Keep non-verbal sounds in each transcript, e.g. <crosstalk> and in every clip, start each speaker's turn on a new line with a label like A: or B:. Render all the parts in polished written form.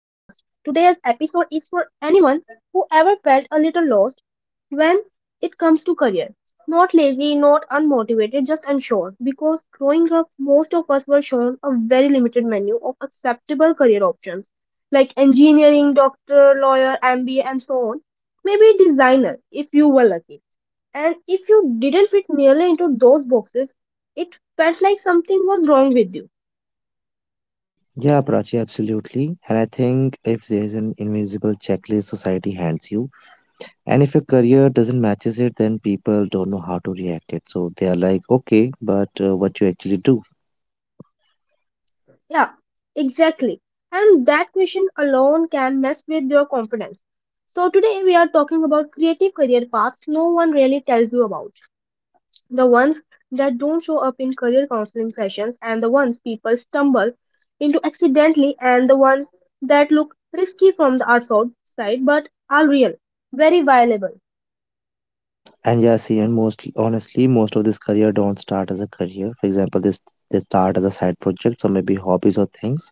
A: Today's episode is for anyone who ever felt a little lost when it comes to career. Not lazy, not unmotivated, just unsure. Because growing up, most of us were shown a very limited menu of acceptable career options like engineering, doctor, lawyer, MBA, and so on. Maybe designer if you were lucky. And if you didn't fit nearly into those boxes, it felt like something was wrong with you.
B: Yeah, Prachi, absolutely. And I think if there's an invisible checklist society hands you, and if your career doesn't matches it, then people don't know how to react it. So they are like, okay, but what you actually do?
A: Yeah, exactly. And that question alone can mess with your confidence. So, today we are talking about creative career paths no one really tells you about. The ones that don't show up in career counseling sessions, and the ones people stumble into accidentally, and the ones that look risky from the outside side but are real, very viable.
B: And yeah, see, and most honestly, most of this career don't start as a career. For example, this they start as a side project, so maybe hobbies or things.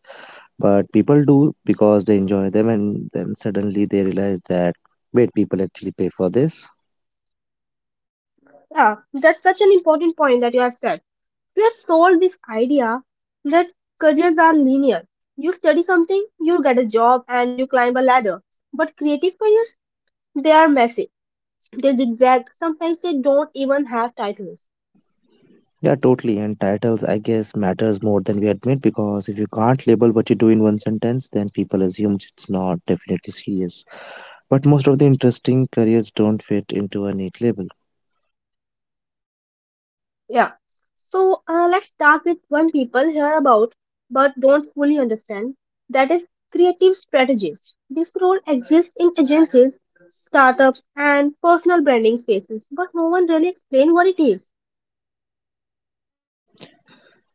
B: But people do because they enjoy them, and then suddenly they realize that wait, people actually pay for this.
A: Yeah, that's such an important point that you have said. We are sold this idea that careers are linear. You study something, you get a job, and you climb a ladder. But creative careers, they are messy. They zigzag. Sometimes they don't even have titles.
B: Yeah, totally. And titles, I guess, matters more than we admit because if you can't label what you do in one sentence, then people assume it's not definitely serious. But most of the interesting careers don't fit into a neat label.
A: Yeah. So let's start with one people hear about but don't fully understand. That is creative strategist. This role exists in agencies, startups, and personal branding spaces, but no one really explains what it is.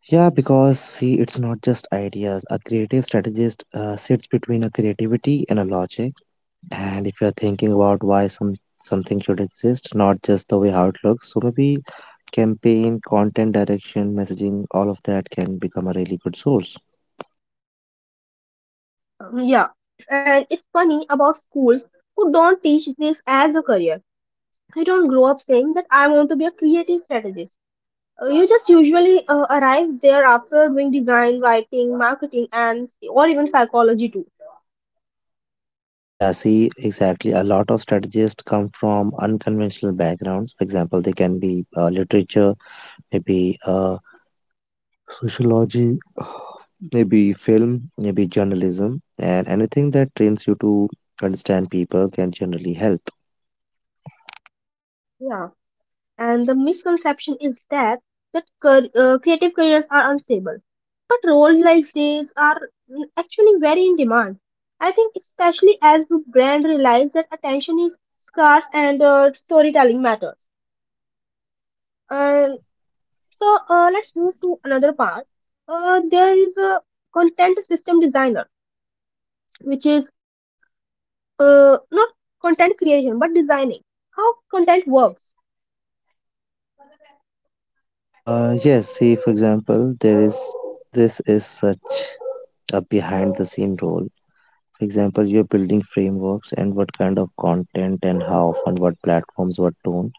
B: Yeah, because see, it's not just ideas. A creative strategist sits between a creativity and a logic. And if you're thinking about why something should exist, not just the way how it looks, so maybe campaign, content direction, messaging, all of that can become a really good source.
A: Yeah, and it's funny about schools who don't teach this as a career. You don't grow up saying that I want to be a creative strategist. You just usually arrive there after doing design, writing, marketing, and or even psychology too.
B: Yeah, see, exactly. A lot of strategists come from unconventional backgrounds. For example, they can be literature, maybe sociology, <sighs> maybe film, maybe journalism, and anything that trains you to understand people can generally help.
A: Yeah, and the misconception is that creative careers are unstable, but roles like these are actually very in demand. I think especially as the brand realize that attention is scarce and storytelling matters. And so let's move to another part. There is a content system designer, which is not content creation but designing how content works.
B: Yes, see, for example, there is this is such a behind the scene role. For example, you're building frameworks and what kind of content and how often, what platforms, what tone.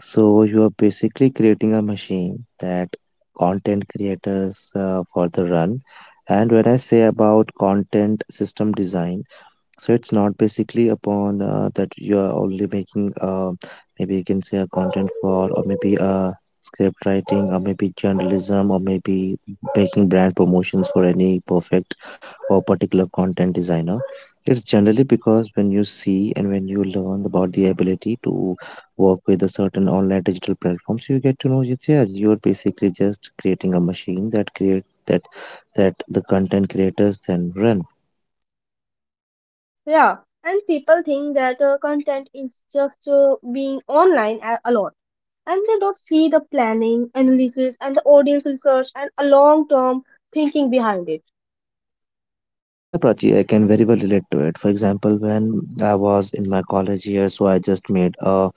B: So you are basically creating a machine that content creators for the run. And when I say about content system design, so it's not basically upon that you are only making maybe you can say a content for or maybe script writing or maybe journalism or maybe making brand promotions for any perfect or particular content designer. It's generally because when you see and when you learn about the ability to work with a certain online digital platforms, you get to know it's yeah, you're basically just creating a machine that create that the content creators then run.
A: Yeah, and people think that content is just being online a lot, and they don't see the planning, analysis, and the audience research and a long term thinking behind it.
B: Yeah, Prachi, I can very well relate to it. For example, when I was in my college year, so I just made a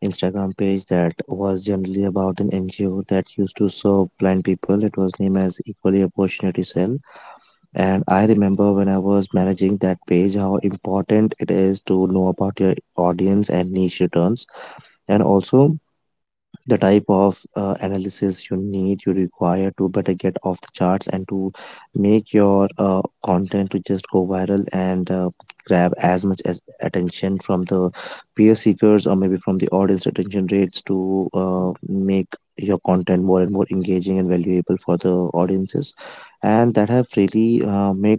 B: Instagram page that was generally about an NGO that used to serve blind people. It was named as Equally Opportunity Cell. And I remember when I was managing that page, how important it is to know about your audience and niche returns. And also, the type of analysis you require to better get off the charts and to make your content to just go viral and grab as much as attention from the peer seekers or maybe from the audience retention rates to make your content more and more engaging and valuable for the audiences, and that have really made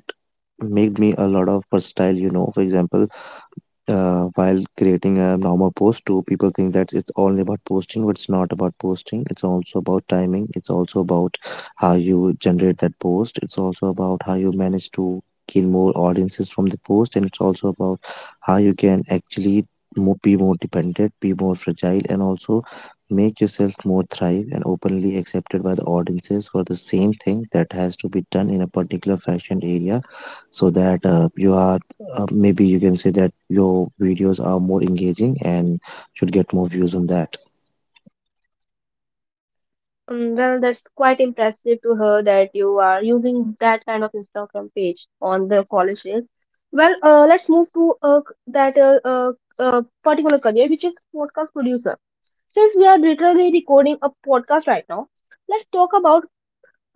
B: made me a lot of versatile, you know. For example, while creating a normal post too, people think that it's only about posting, but it's not about posting. It's also about timing, it's also about how you generate that post, it's also about how you manage to gain more audiences from the post, and it's also about how you can actually mo be more dependent, be more fragile, and also make yourself more thrive and openly accepted by the audiences for the same thing that has to be done in a particular fashion area, so that you are maybe you can say that your videos are more engaging and should get more views on that.
A: Well, that's quite impressive to her that you are using that kind of Instagram page on the college days. Well, let's move to c- that particular career, which is podcast producer. Since we are literally recording a podcast right now, let's talk about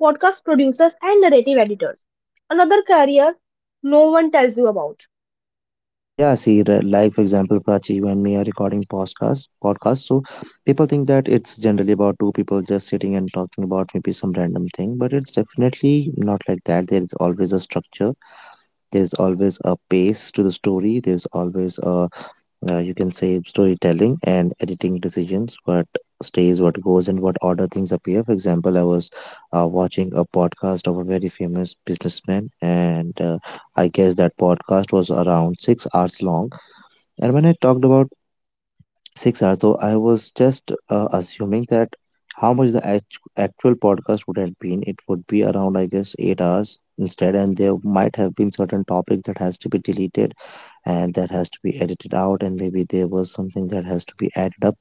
A: podcast producers and narrative editors. Another career no one tells you about.
B: Yeah, like, for example, Prachi, you and me are recording podcast, so people think that it's generally about two people just sitting and talking about maybe some random thing, but it's definitely not like that. There is always a structure, there is always a pace to the story, there's always a you can say storytelling and editing decisions, what stays, what goes, and what order things appear. For example, I was watching a podcast of a very famous businessman, and I guess that podcast was around 6 hours long. And when I talked about 6 hours, though, I was just assuming that how much the actual podcast would have been, it would be around, I guess, 8 hours instead. And there might have been certain topics that has to be deleted and that has to be edited out, and maybe there was something that has to be added up,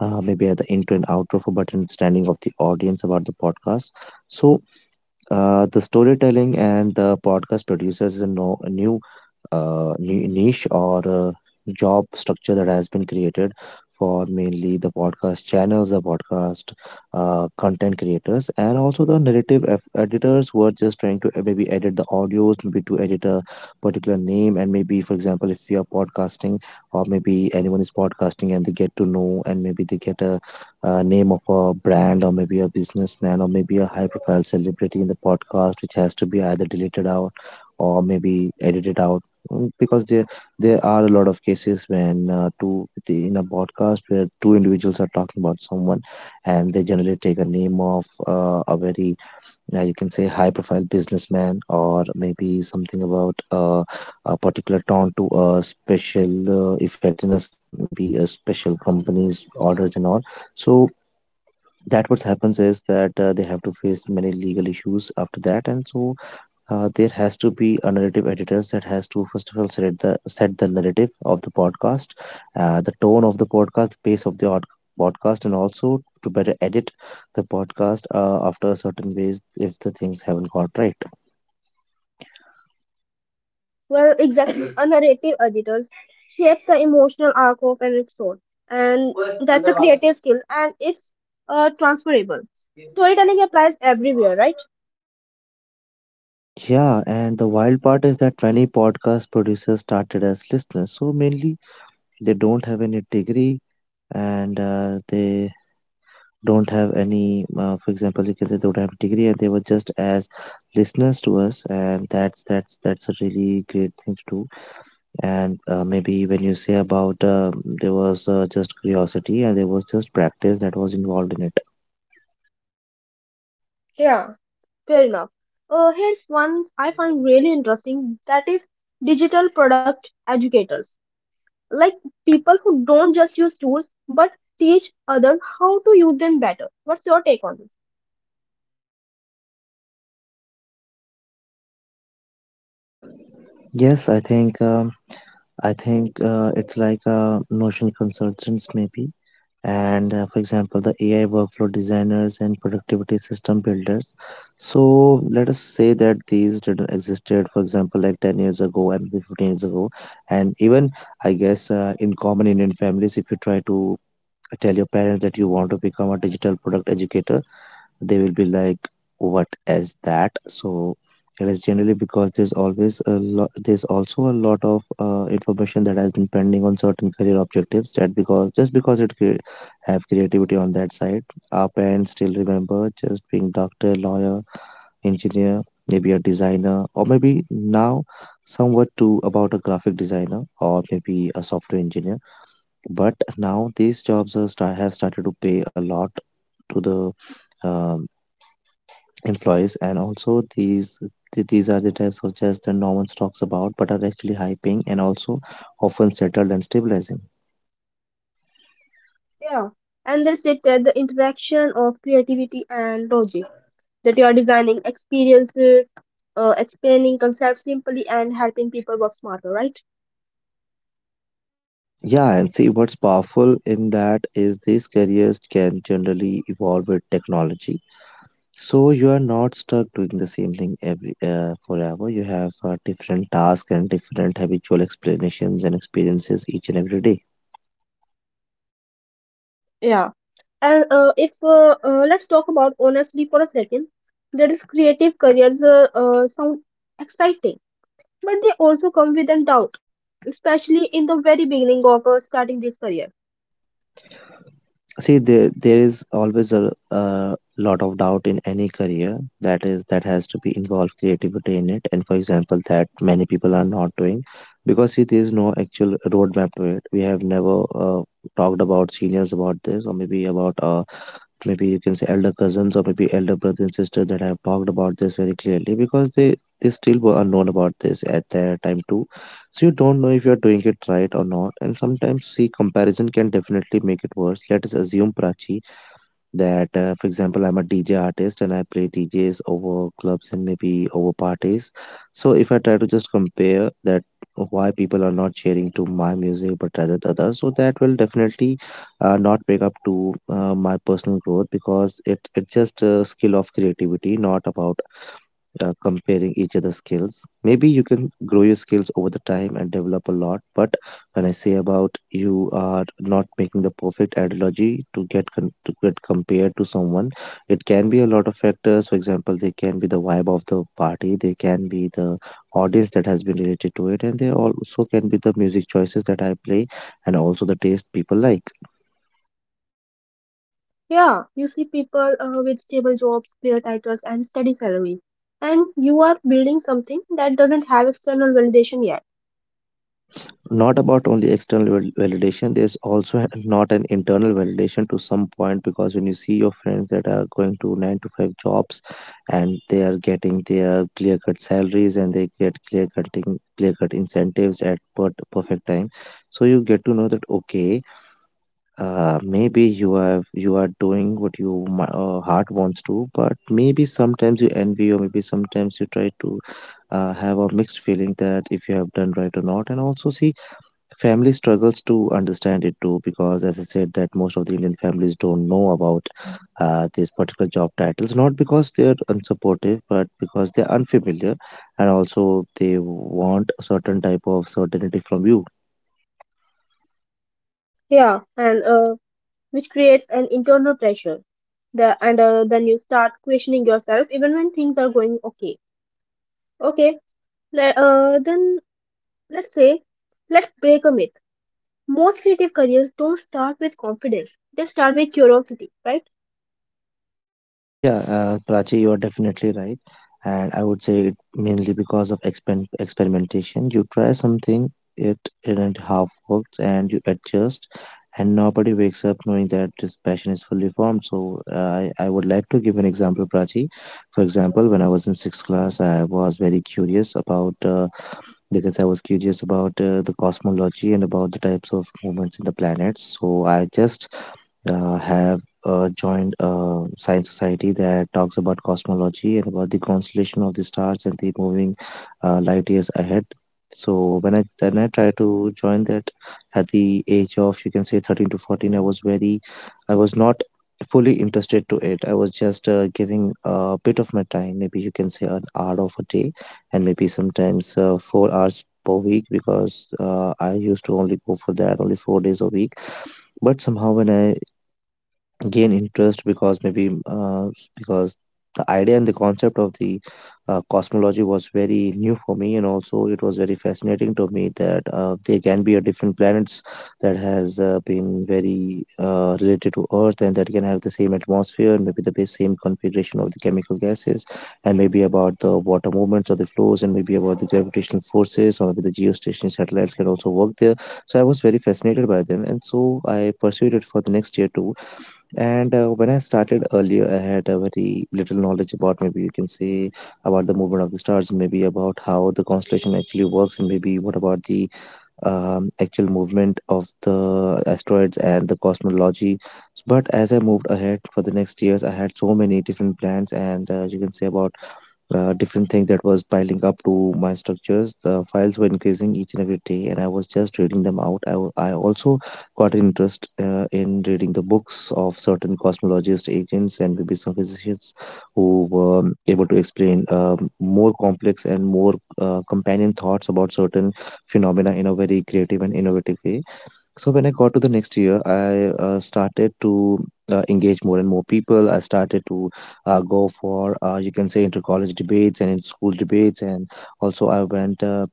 B: maybe at the intro and outro for button standing of the audience about the podcast. So the storytelling and the podcast producers in, no, a new niche or job structure that has been created for mainly the podcast channels, the podcast content creators, and also the narrative editors who are just trying to maybe edit the audios, maybe to edit a particular name. And maybe, for example, if you are podcasting or maybe anyone is podcasting and they get to know and maybe they get a name of a brand or maybe a businessman or maybe a high profile celebrity in the podcast, which has to be either deleted out or maybe edited out. Mm, because there are a lot of cases when in a podcast where two individuals are talking about someone and they generally take a name of a very you can say high profile businessman or maybe something about a particular town to a special effect in a maybe a special company's orders and all. So that what happens is that they have to face many legal issues after that, and so there has to be a narrative editors that has to first of all set the narrative of the podcast, the tone of the podcast, the pace of the podcast, and also to better edit the podcast after a certain ways if the things haven't got right.
A: Well, exactly. <coughs> A narrative editor shapes the emotional arc of an episode, and that's a creative skill, and it's transferable. Storytelling applies everywhere, right?
B: Yeah, and the wild part is that many podcast producers started as listeners. So mainly they don't have any degree, and they don't have any, for example, you can say they don't have a degree and they were just as listeners to us. And that's a really great thing to do. And maybe when you say about there was just curiosity and there was just practice that was involved in it.
A: Yeah, fair enough. Here's one I find really interesting that is digital product educators, like people who don't just use tools but teach others how to use them better. What's your take on this?
B: Yes, I think it's like Notion consultants maybe, and for example the AI workflow designers and productivity system builders. So let us say that these didn't existed, for example, like 10 years ago and 15 years ago. And even I guess in common Indian families, if you try to tell your parents that you want to become a digital product educator, they will be like, what is that? So it is generally because there's also a lot of information that has been pending on certain career objectives that because just because it have creativity on that side, our parents still remember just being doctor, lawyer, engineer, maybe a designer, or maybe now somewhat too about a graphic designer or maybe a software engineer. But now these jobs are have started to pay a lot to the employees, and also these these are the types of chess that no one talks about but are actually high paying and also often settled and stabilizing.
A: Yeah, and they sit at the interaction of creativity and logic. That you are designing experiences, explaining concepts simply, and helping people work smarter, right?
B: Yeah, and see what's powerful in that is these careers can generally evolve with technology. So you are not stuck doing the same thing every forever. You have different tasks and different habitual explanations and experiences each and every day.
A: Yeah. And if let's talk about honestly for a second, that is creative careers sound exciting, but they also come with a doubt, especially in the very beginning of starting this career.
B: See, there is always a lot of doubt in any career that is that has to be involved creativity in it. And for example, that many people are not doing because see, there is no actual roadmap to it. We have never talked about seniors about this, or maybe about maybe you can say elder cousins or maybe elder brother and sister that have talked about this very clearly, because they still were unknown about this at their time too. So you don't know if you're doing it right or not, and sometimes see comparison can definitely make it worse. Let us assume, Prachi, that, for example, I'm a DJ artist and I play DJs over clubs and maybe over parties. So if I try to just compare that why people are not cheering to my music but rather the others, so that will definitely not make up to my personal growth, because it just a skill of creativity, not about comparing each other's skills. Maybe you can grow your skills over the time and develop a lot. But when I say about you are not making the perfect analogy to to get compared to someone, it can be a lot of factors. For example, they can be the vibe of the party, they can be the audience that has been related to it, and they also can be the music choices that I play, and also the taste people like.
A: Yeah, you see people with stable jobs, clear titles, and steady salaries, and you are building something that doesn't have external validation yet.
B: Not about only validation, there's also not an internal validation to some point, because when you see your friends that are going to 9 to 5 jobs and they are getting their clear cut salaries and they get clear cut incentives at perfect time, so you get to know that, okay, maybe you are doing what your heart wants to, but maybe sometimes you envy, or maybe sometimes you try to have a mixed feeling that if you have done right or not, and also see. Family struggles to understand it too, because as I said, that most of the Indian families don't know about these particular job titles, not because they are unsupportive, but because they are unfamiliar, and also they want a certain type of certainty from you.
A: Yeah, and which creates an internal pressure. Then you start questioning yourself even when things are going okay. Okay, le- then let's say, let's break a myth. Most creative careers don't start with confidence, they start with curiosity, right?
B: Yeah, Prachi, you are definitely right. And I would say it mainly because of expen experimentation. You try something, it isn't half works, and you adjust, and nobody wakes up knowing that this passion is fully formed. So I would like to give an example, Prachi. For example, when I was in sixth class, I was very curious about, because I was curious about the cosmology and about the types of movements in the planets. So I just have joined a science society that talks about cosmology and about the constellation of the stars and the moving light years ahead. So when I then I tried to join that at the age of, you can say, 13 to 14. I was very, I was not fully interested to it. I was just giving a bit of my time, maybe you can say an hour of a day, and maybe sometimes 4 hours per week, because I used to only go for that only 4 days a week. But somehow when I gain interest, because maybe because the idea and the concept of the cosmology was very new for me, and also it was very fascinating to me that there can be a different planets that has been very related to earth, and that can have the same atmosphere, and maybe the same configuration of the chemical gases, and maybe about the water movements or the flows, and maybe about the gravitational forces, or maybe the geostationary satellites can also work there. So I was very fascinated by them, and so I pursued it for the next year too. And when I started earlier, I had a very little knowledge about, maybe you can say, about the movement of the stars, maybe about how the constellation actually works, and maybe what about the actual movement of the asteroids and the cosmology. But as I moved ahead for the next years, I had so many different plans, and you can say about different things that was piling up to my structures. The files were increasing each and every day, and I was just reading them out. I also got an interest in reading the books of certain cosmologist agents and maybe some physicians who were able to explain more complex and more companion thoughts about certain phenomena in a very creative and innovative way. So when I got to the next year, I started to engage more and more people. I started to go for, you can say, inter-college debates and in-school debates, and also I went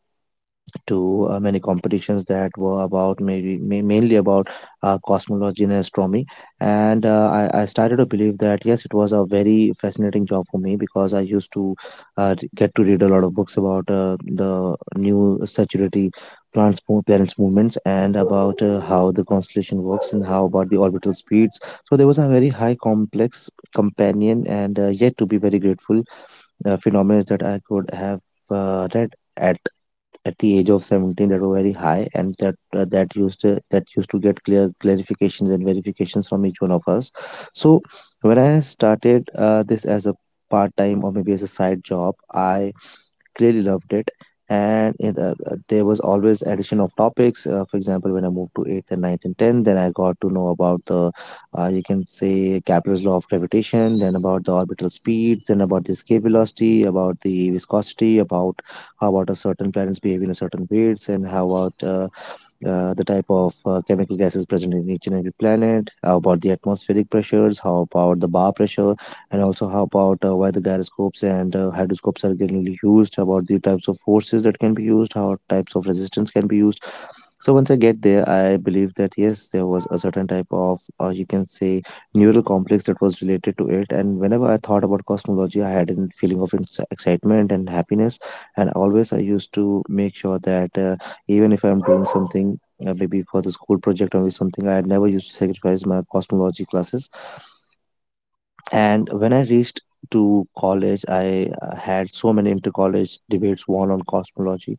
B: to many competitions that were about maybe mainly about cosmology and astronomy. And I started to believe that yes, it was a very fascinating job for me, because I used to get to read a lot of books about the new statutory parents movements, and about how the constellation works and how about the orbital speeds. So there was a very high complex companion, and yet to be very grateful phenomena that I could have read at at the age of 17, that were very high, and that used to get clear clarifications and verifications from each one of us. So when I started this as a part time, or maybe as a side job, I clearly loved it. And there was always addition of topics. For example, when I moved to 8th and ninth and 10th, then I got to know about the, you can say, Kepler's law of gravitation, then about the orbital speeds, then about the escape velocity, about the viscosity, about how about a certain planet's behavior in a certain ways, and how about the type of chemical gases present in each and every planet, how about the atmospheric pressures, how about the bar pressure, and also how about why the gyroscopes and hydroscopes are getting used, about the types of forces that can be used, how types of resistance can be used. So once I get there, I believe that yes, there was a certain type of, you can say, neural complex that was related to it. And whenever I thought about cosmology, I had a feeling of excitement and happiness. And always I used to make sure that, even if I'm doing something, maybe for the school project or maybe something, I never used to sacrifice my cosmology classes. And when I reached to college, I had so many inter college debates won on cosmology.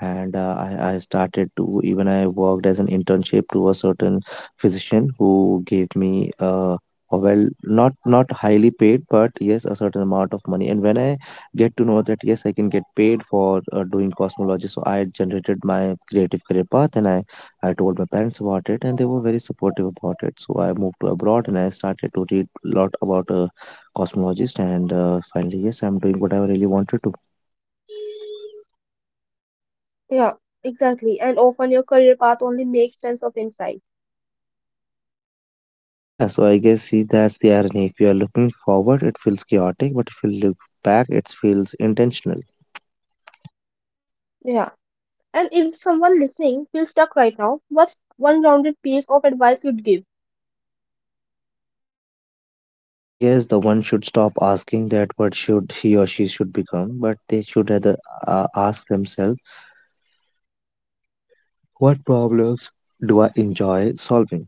B: And I started to, even I worked as an internship to a certain physician who gave me a well, not highly paid, but yes, a certain amount of money. And when I get to know that yes, I can get paid for doing cosmology, so I generated my creative career path, and I told my parents about it, and they were very supportive about it. So I moved to abroad, and I started to read a lot about a cosmologist, and finally, yes, I'm doing what I really wanted to.
A: Yeah, exactly, and often your career path only makes sense of insight.
B: Yeah, so I guess, see, that's the irony. If you are looking forward, it feels chaotic, but if you look back, it feels intentional.
A: Yeah. And if someone listening feels stuck right now, what's one grounded piece of advice you'd give?
B: I guess the one should stop asking that what should he or she should become, but they should rather ask themselves, what problems do I enjoy solving?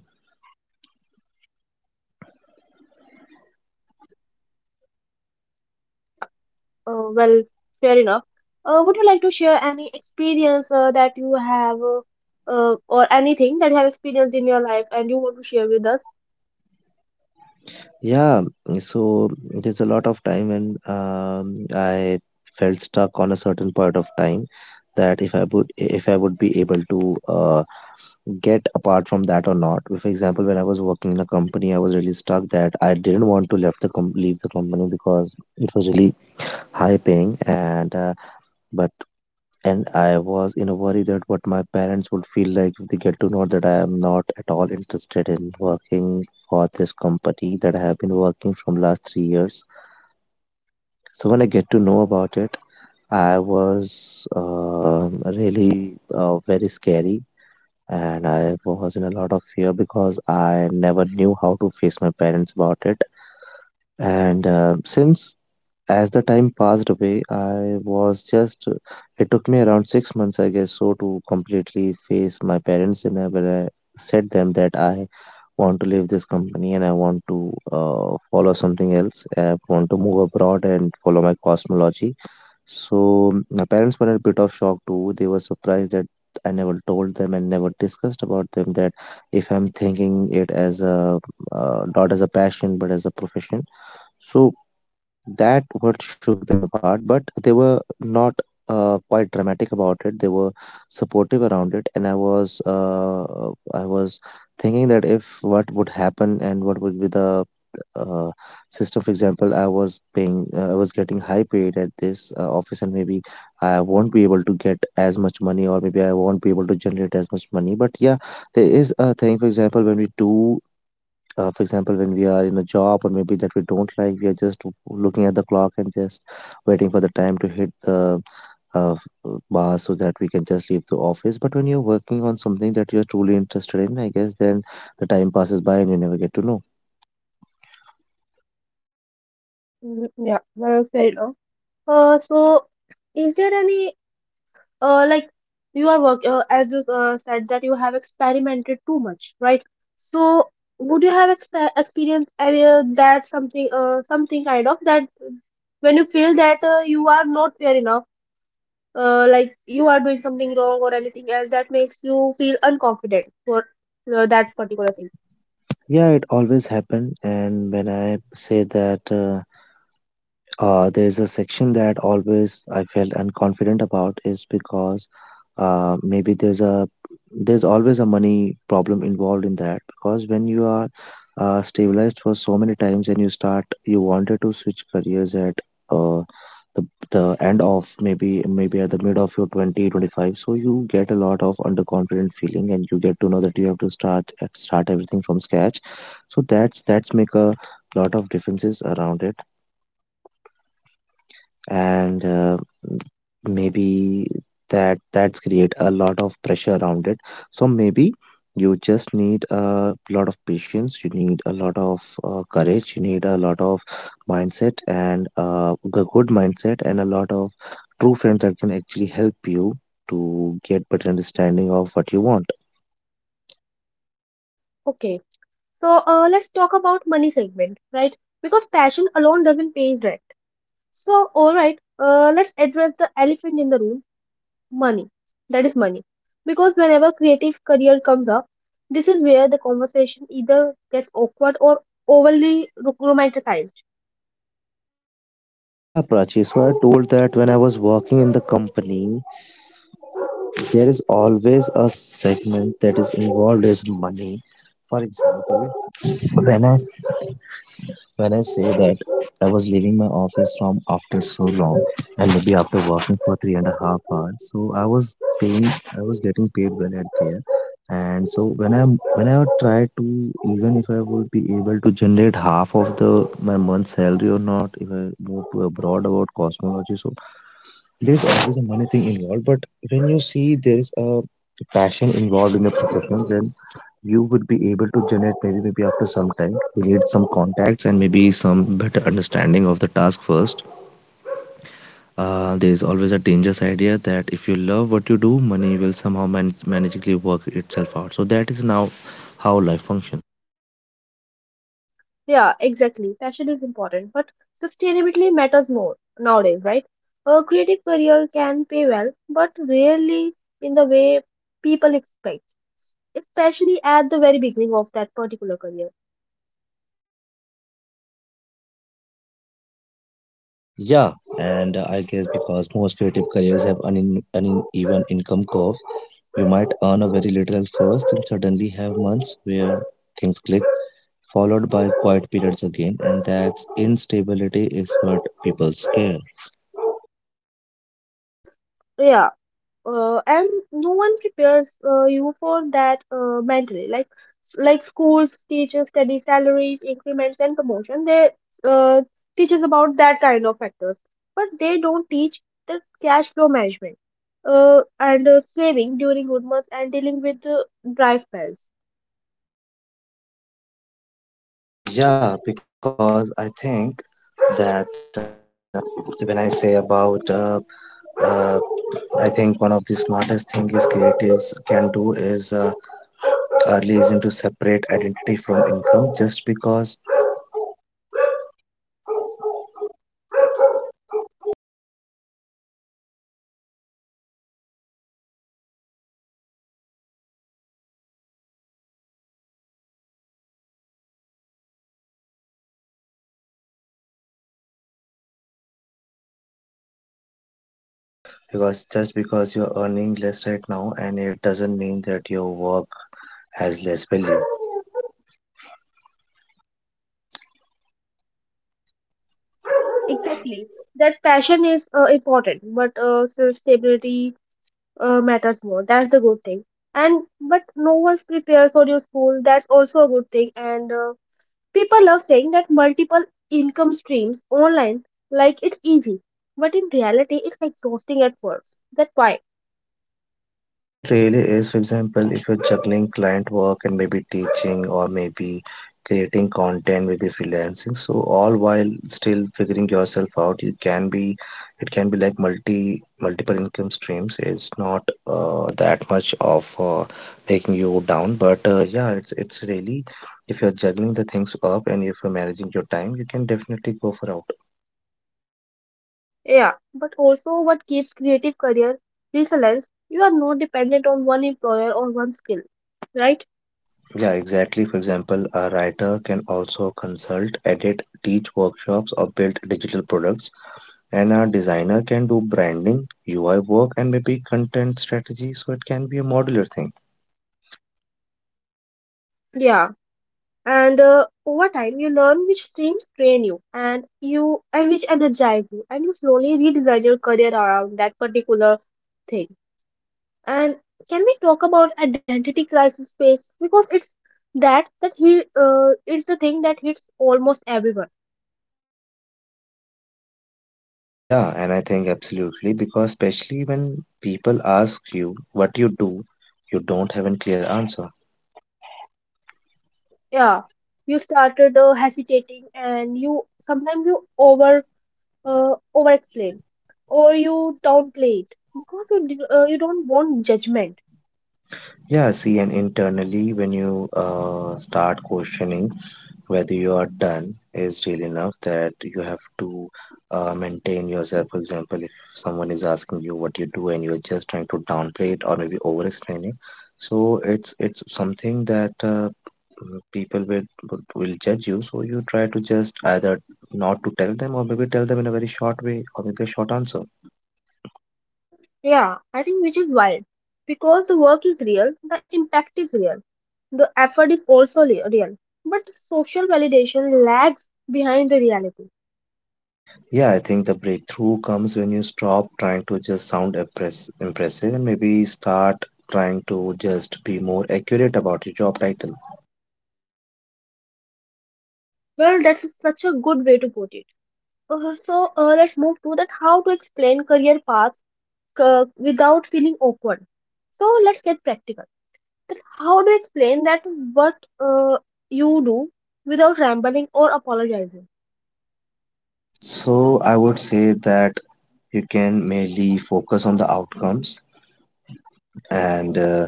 A: Yeah. Well, fair enough. Would you like to share any experience that you have, or anything that you have experienced in your life and you want to share with us?
B: Yeah, so there's a lot of time when I felt stuck on a certain part of time, that if I would be able to get apart from that or not. For example, when I was working in a company, I was really stuck that I didn't want to leave the company, because it was really high paying, and but and I was in a worry that what my parents would feel like if they get to know that I am not at all interested in working for this company that I have been working from last 3 years. So when I get to know about it, I was really very scary, and I was in a lot of fear, because I never knew how to face my parents about it. And since as the time passed away, I was just, it took me around 6 months, I guess, so to completely face my parents. And I, when I said them that I want to leave this company and I want to follow something else. I want to move abroad and follow my cosmology. So my parents were a bit of shock too. They were surprised that I never told them and never discussed about them that if I'm thinking it as a not as a passion but as a profession. So that what shook them apart, but they were not quite dramatic about it. They were supportive around it, and I was thinking that if what would happen and what would be the uh, system. For example, I was getting high paid at this office, and maybe I won't be able to get as much money, or maybe I won't be able to generate as much money. But yeah, there is a thing. For example, when we do, for example, when we are in a job or maybe that we don't like, we are just looking at the clock and just waiting for the time to hit the uh, bar, so that we can just leave the office. But when you're working on something that you're truly interested in, I guess, then the time passes by, and you never get to know.
A: Mhm. Yeah, well, fair enough. Uh, so, is there any like you are work as you said that you have experimented too much, right? So, would you have experienced that something kind of that when you feel that you are not fair enough? Like you are doing something wrong or anything else that makes you feel unconfident for that particular thing.
B: Yeah, it always happen. And when I say that, there is a section that always I felt unconfident about, is because maybe, there's always a money problem involved in that, because when you are stabilized for so many times, and you start, you wanted to switch careers at uh, the the end of maybe at the mid of your twenty twenty five. So you get a lot of underconfident feeling, and you get to know that you have to start everything from scratch. So that's make a lot of differences around it. And maybe that's create a lot of pressure around it. So maybe you just need a lot of patience, you need a lot of courage, you need a lot of mindset and a good mindset, and a lot of true friends that can actually help you to get better understanding of what you want.
A: Okay, so let's talk about money segment, right? Because passion alone doesn't pay rent. So all right, let's address the elephant in the room: money. That is money, because whenever creative career comes up, this is where the conversation either gets awkward or romanticized.
B: Mm, yeah, Prachi. So I told that when I was working in the company, there is always a segment that is involved, is money. For example, when i when I say that I was leaving my office from after so long, and maybe after working for 3.5 hours. So I was paying, I was getting paid well at there. And so when I would try to, even if I would be able to generate half of the my month salary or not, if I move to abroad about cosmology. So there's always a money thing involved, but when you see there's a passion involved in a profession, then you would be able to generate, maybe after some time. You need some contacts and maybe some better understanding of the task first. There is always a dangerous idea that if you love what you do, money will somehow magically work itself out. So that is now how life functions.
A: Yeah, exactly. Passion is important, but sustainability matters more nowadays, right? A creative career can pay well, but rarely in the way people expect, especially at the very beginning of that particular career.
B: Yeah, and I guess, because most creative careers have uneven income curves. You might earn a very little first, and suddenly have months where things click, followed by quiet periods again, and that instability is what people scare.
A: Yeah, and no one prepares you for that mentally, like schools teachers study salaries increments and promotion they uh, teach us about that kind of factors, but they don't teach the cash flow management and saving during good months and dealing with dry spells.
B: Yeah, because I think that when I say about, uh, I think one of the smartest thing is creatives can do is early, is into separate identity. Earning less right now, and it doesn't mean that your work has less value.
A: Exactly, that passion is important, but so stability matters more. That's the good thing. And but no one's prepared for your school. That's also a good thing. And People love saying that multiple income streams online like it's easy, but in reality, it's exhausting at first. That's why,
B: See, it really is. For example, if you're juggling client work and maybe teaching or maybe creating content, maybe freelancing, so all while still figuring yourself out, you can be, it can be like multiple income streams. It's not that much of taking you down. But yeah, it's really, if you're juggling the things up and if you're managing your time, you can definitely go for out.
A: yeah, but also what keeps creative career resilience, you are not dependent on one employer or one skill, right?
B: Yeah, exactly. For example, a writer can also consult, edit, teach workshops, or build digital products. And a designer can do branding, UI work, and maybe content strategy. So it can be a modular thing.
A: Yeah. And over time, you learn which streams train you and which energize you, and you slowly redesign your career around that particular thing. And can we talk about identity crisis space? Because it's that that he is the thing that hits almost everyone.
B: Yeah, and I think absolutely, because especially when people ask you what you do, you don't have a clear answer.
A: Yeah, you started hesitating, and you sometimes you over explain, or you downplay it because you don't want judgment.
B: Yeah, see, and internally, when you start questioning whether you are done is real enough that you have to maintain yourself. For example, if someone is asking you what you do and you're just trying to downplay it or maybe over explaining, so it's something that people will judge you. So you try to just either not to tell them or maybe tell them in a very short way or maybe a short answer.
A: Yeah, I think which is wild because the work is real, the impact is real, the effort is also real, but the social validation lags behind the reality.
B: Yeah, I think the breakthrough comes when you stop trying to just sound impressive, and maybe start trying to just be more accurate about your job title.
A: Well, that's such a good way to put it. Let's move to that how to explain career paths without feeling awkward. So let's get practical. That how to explain that what uh, you do without rambling or apologizing.
B: So I would say that you can mainly focus on the outcomes, and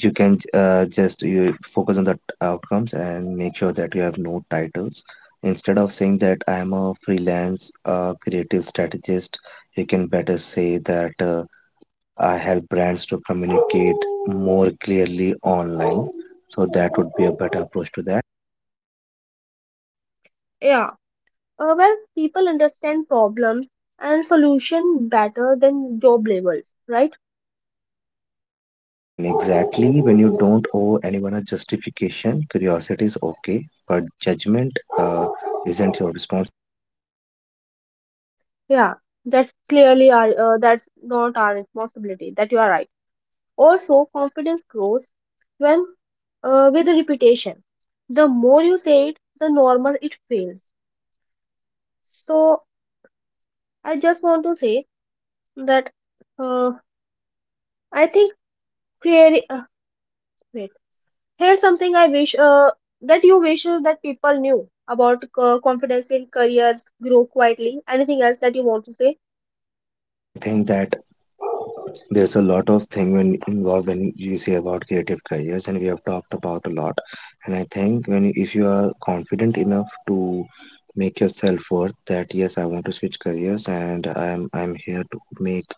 B: you can, just you focus on the outcomes and make sure that you have no titles. Instead of saying that I am a freelance creative strategist, you can better say that I help brands to communicate more clearly online. So that would be a better approach to that.
A: Yeah. Well, people understand problems and solution better than job labels, right?
B: Yeah, and exactly, when you don't owe anyone a justification, curiosity is okay, but judgment isn't your response.
A: Yeah. That's clearly our that's not our responsibility. That you are right. Also, confidence grows when with repetition. The more you say it, the normal it feels. So, I just want to say that uh, I think creating. Wait, here's something I wish that people knew about confidence in careers grow quietly. Anything else that you want to say?
B: I think that there's a lot of thing when involved when you say about creative careers, and we have talked about a lot. And I think, when, if you are confident enough to make yourself worth that, yes, I want to switch careers, and I'm here to make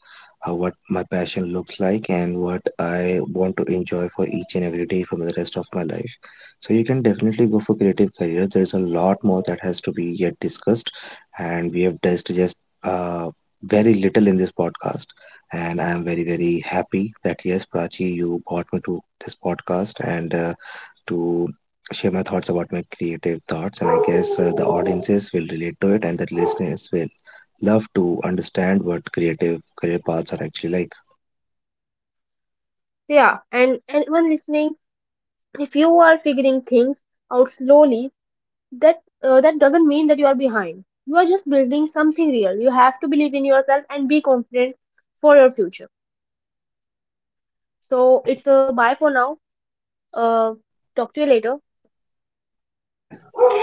B: what my passion looks like and what I want to enjoy for each and every day for the rest of my life. So you can definitely go for creative careers. There's a lot more that has to be yet discussed, and we have discussed just uh, very little in this podcast. And I'm very very happy that, yes, Prachi, you brought me to this podcast and to share my thoughts about my creative thoughts. And I guess the audiences will relate to it, and the listeners will love to understand what creative career paths are actually like.
A: Yeah, and anyone listening, if you are figuring things out slowly, that doesn't mean that you are behind. You are just building something real. You have to believe in yourself and be confident for your future. So
B: Yeah,
A: it's a bye for now. uh Talk to you later.
B: yeah,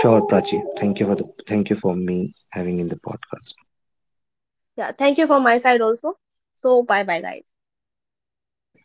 B: sure, Prachi. Thank you for me having in the podcast.
A: Yeah, thank you from my side also. So bye bye guys.
B: Bye bye.